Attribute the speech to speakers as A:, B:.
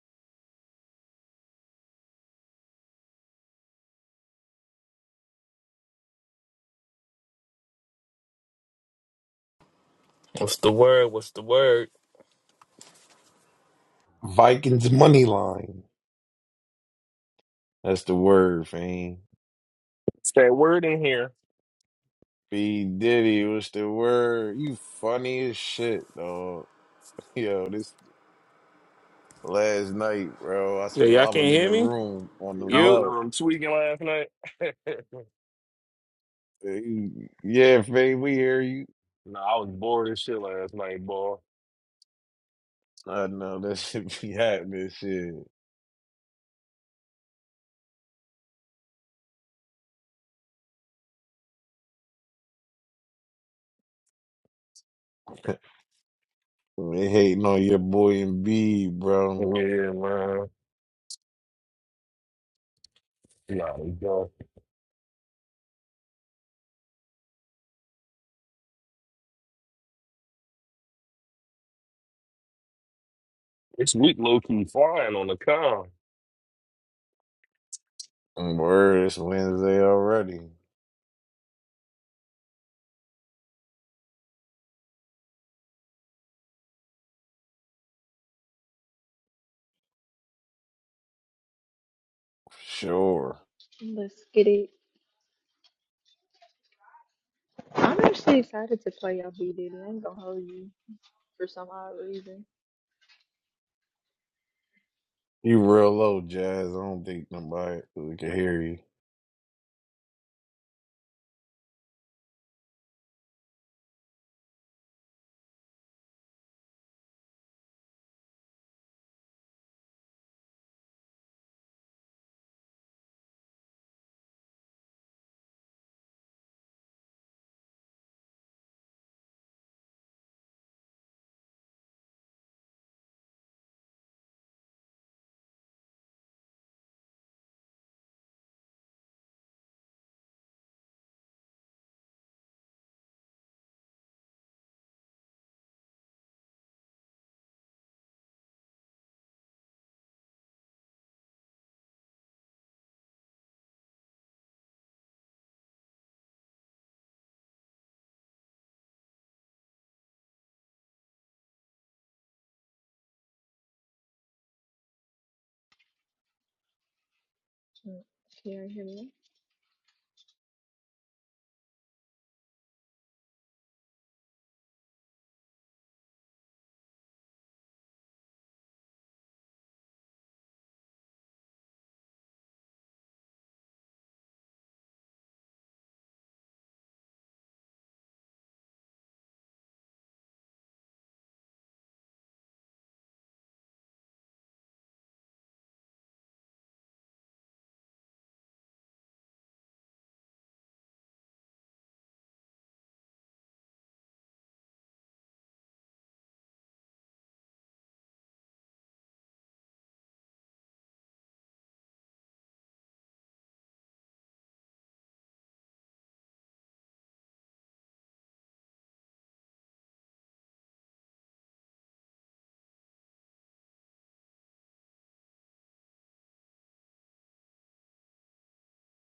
A: What's the word? What's the word?
B: Vikings money line. That's the word, fam.
C: Stay word in here.
B: B Diddy, what's the word? You funny as shit, dog. Yo, this last night, bro. I, s-
A: Yeah, y'all
B: I
A: can't
B: was in
A: hear
B: the
A: me?
B: room
C: I
B: on the
C: was
A: You?
C: in the
B: low.
C: room tweaking last night.
B: You- Yeah, fam, we hear you.
C: nah, I was bored as shit last night, boy.
B: I know that shit be happening, shit. They hating on your boy and B, bro.
C: Yeah, man. Nah, It's weak low key flying on the con.
B: Mm, Word, it's Wednesday already. Sure.
D: Let's get it. I'm actually excited to play y'all B Diddy. I ain't gonna hold you for some odd reason.
B: You real low, Jazz. I don't think nobody really can hear you.
D: Mm, Can you hear me?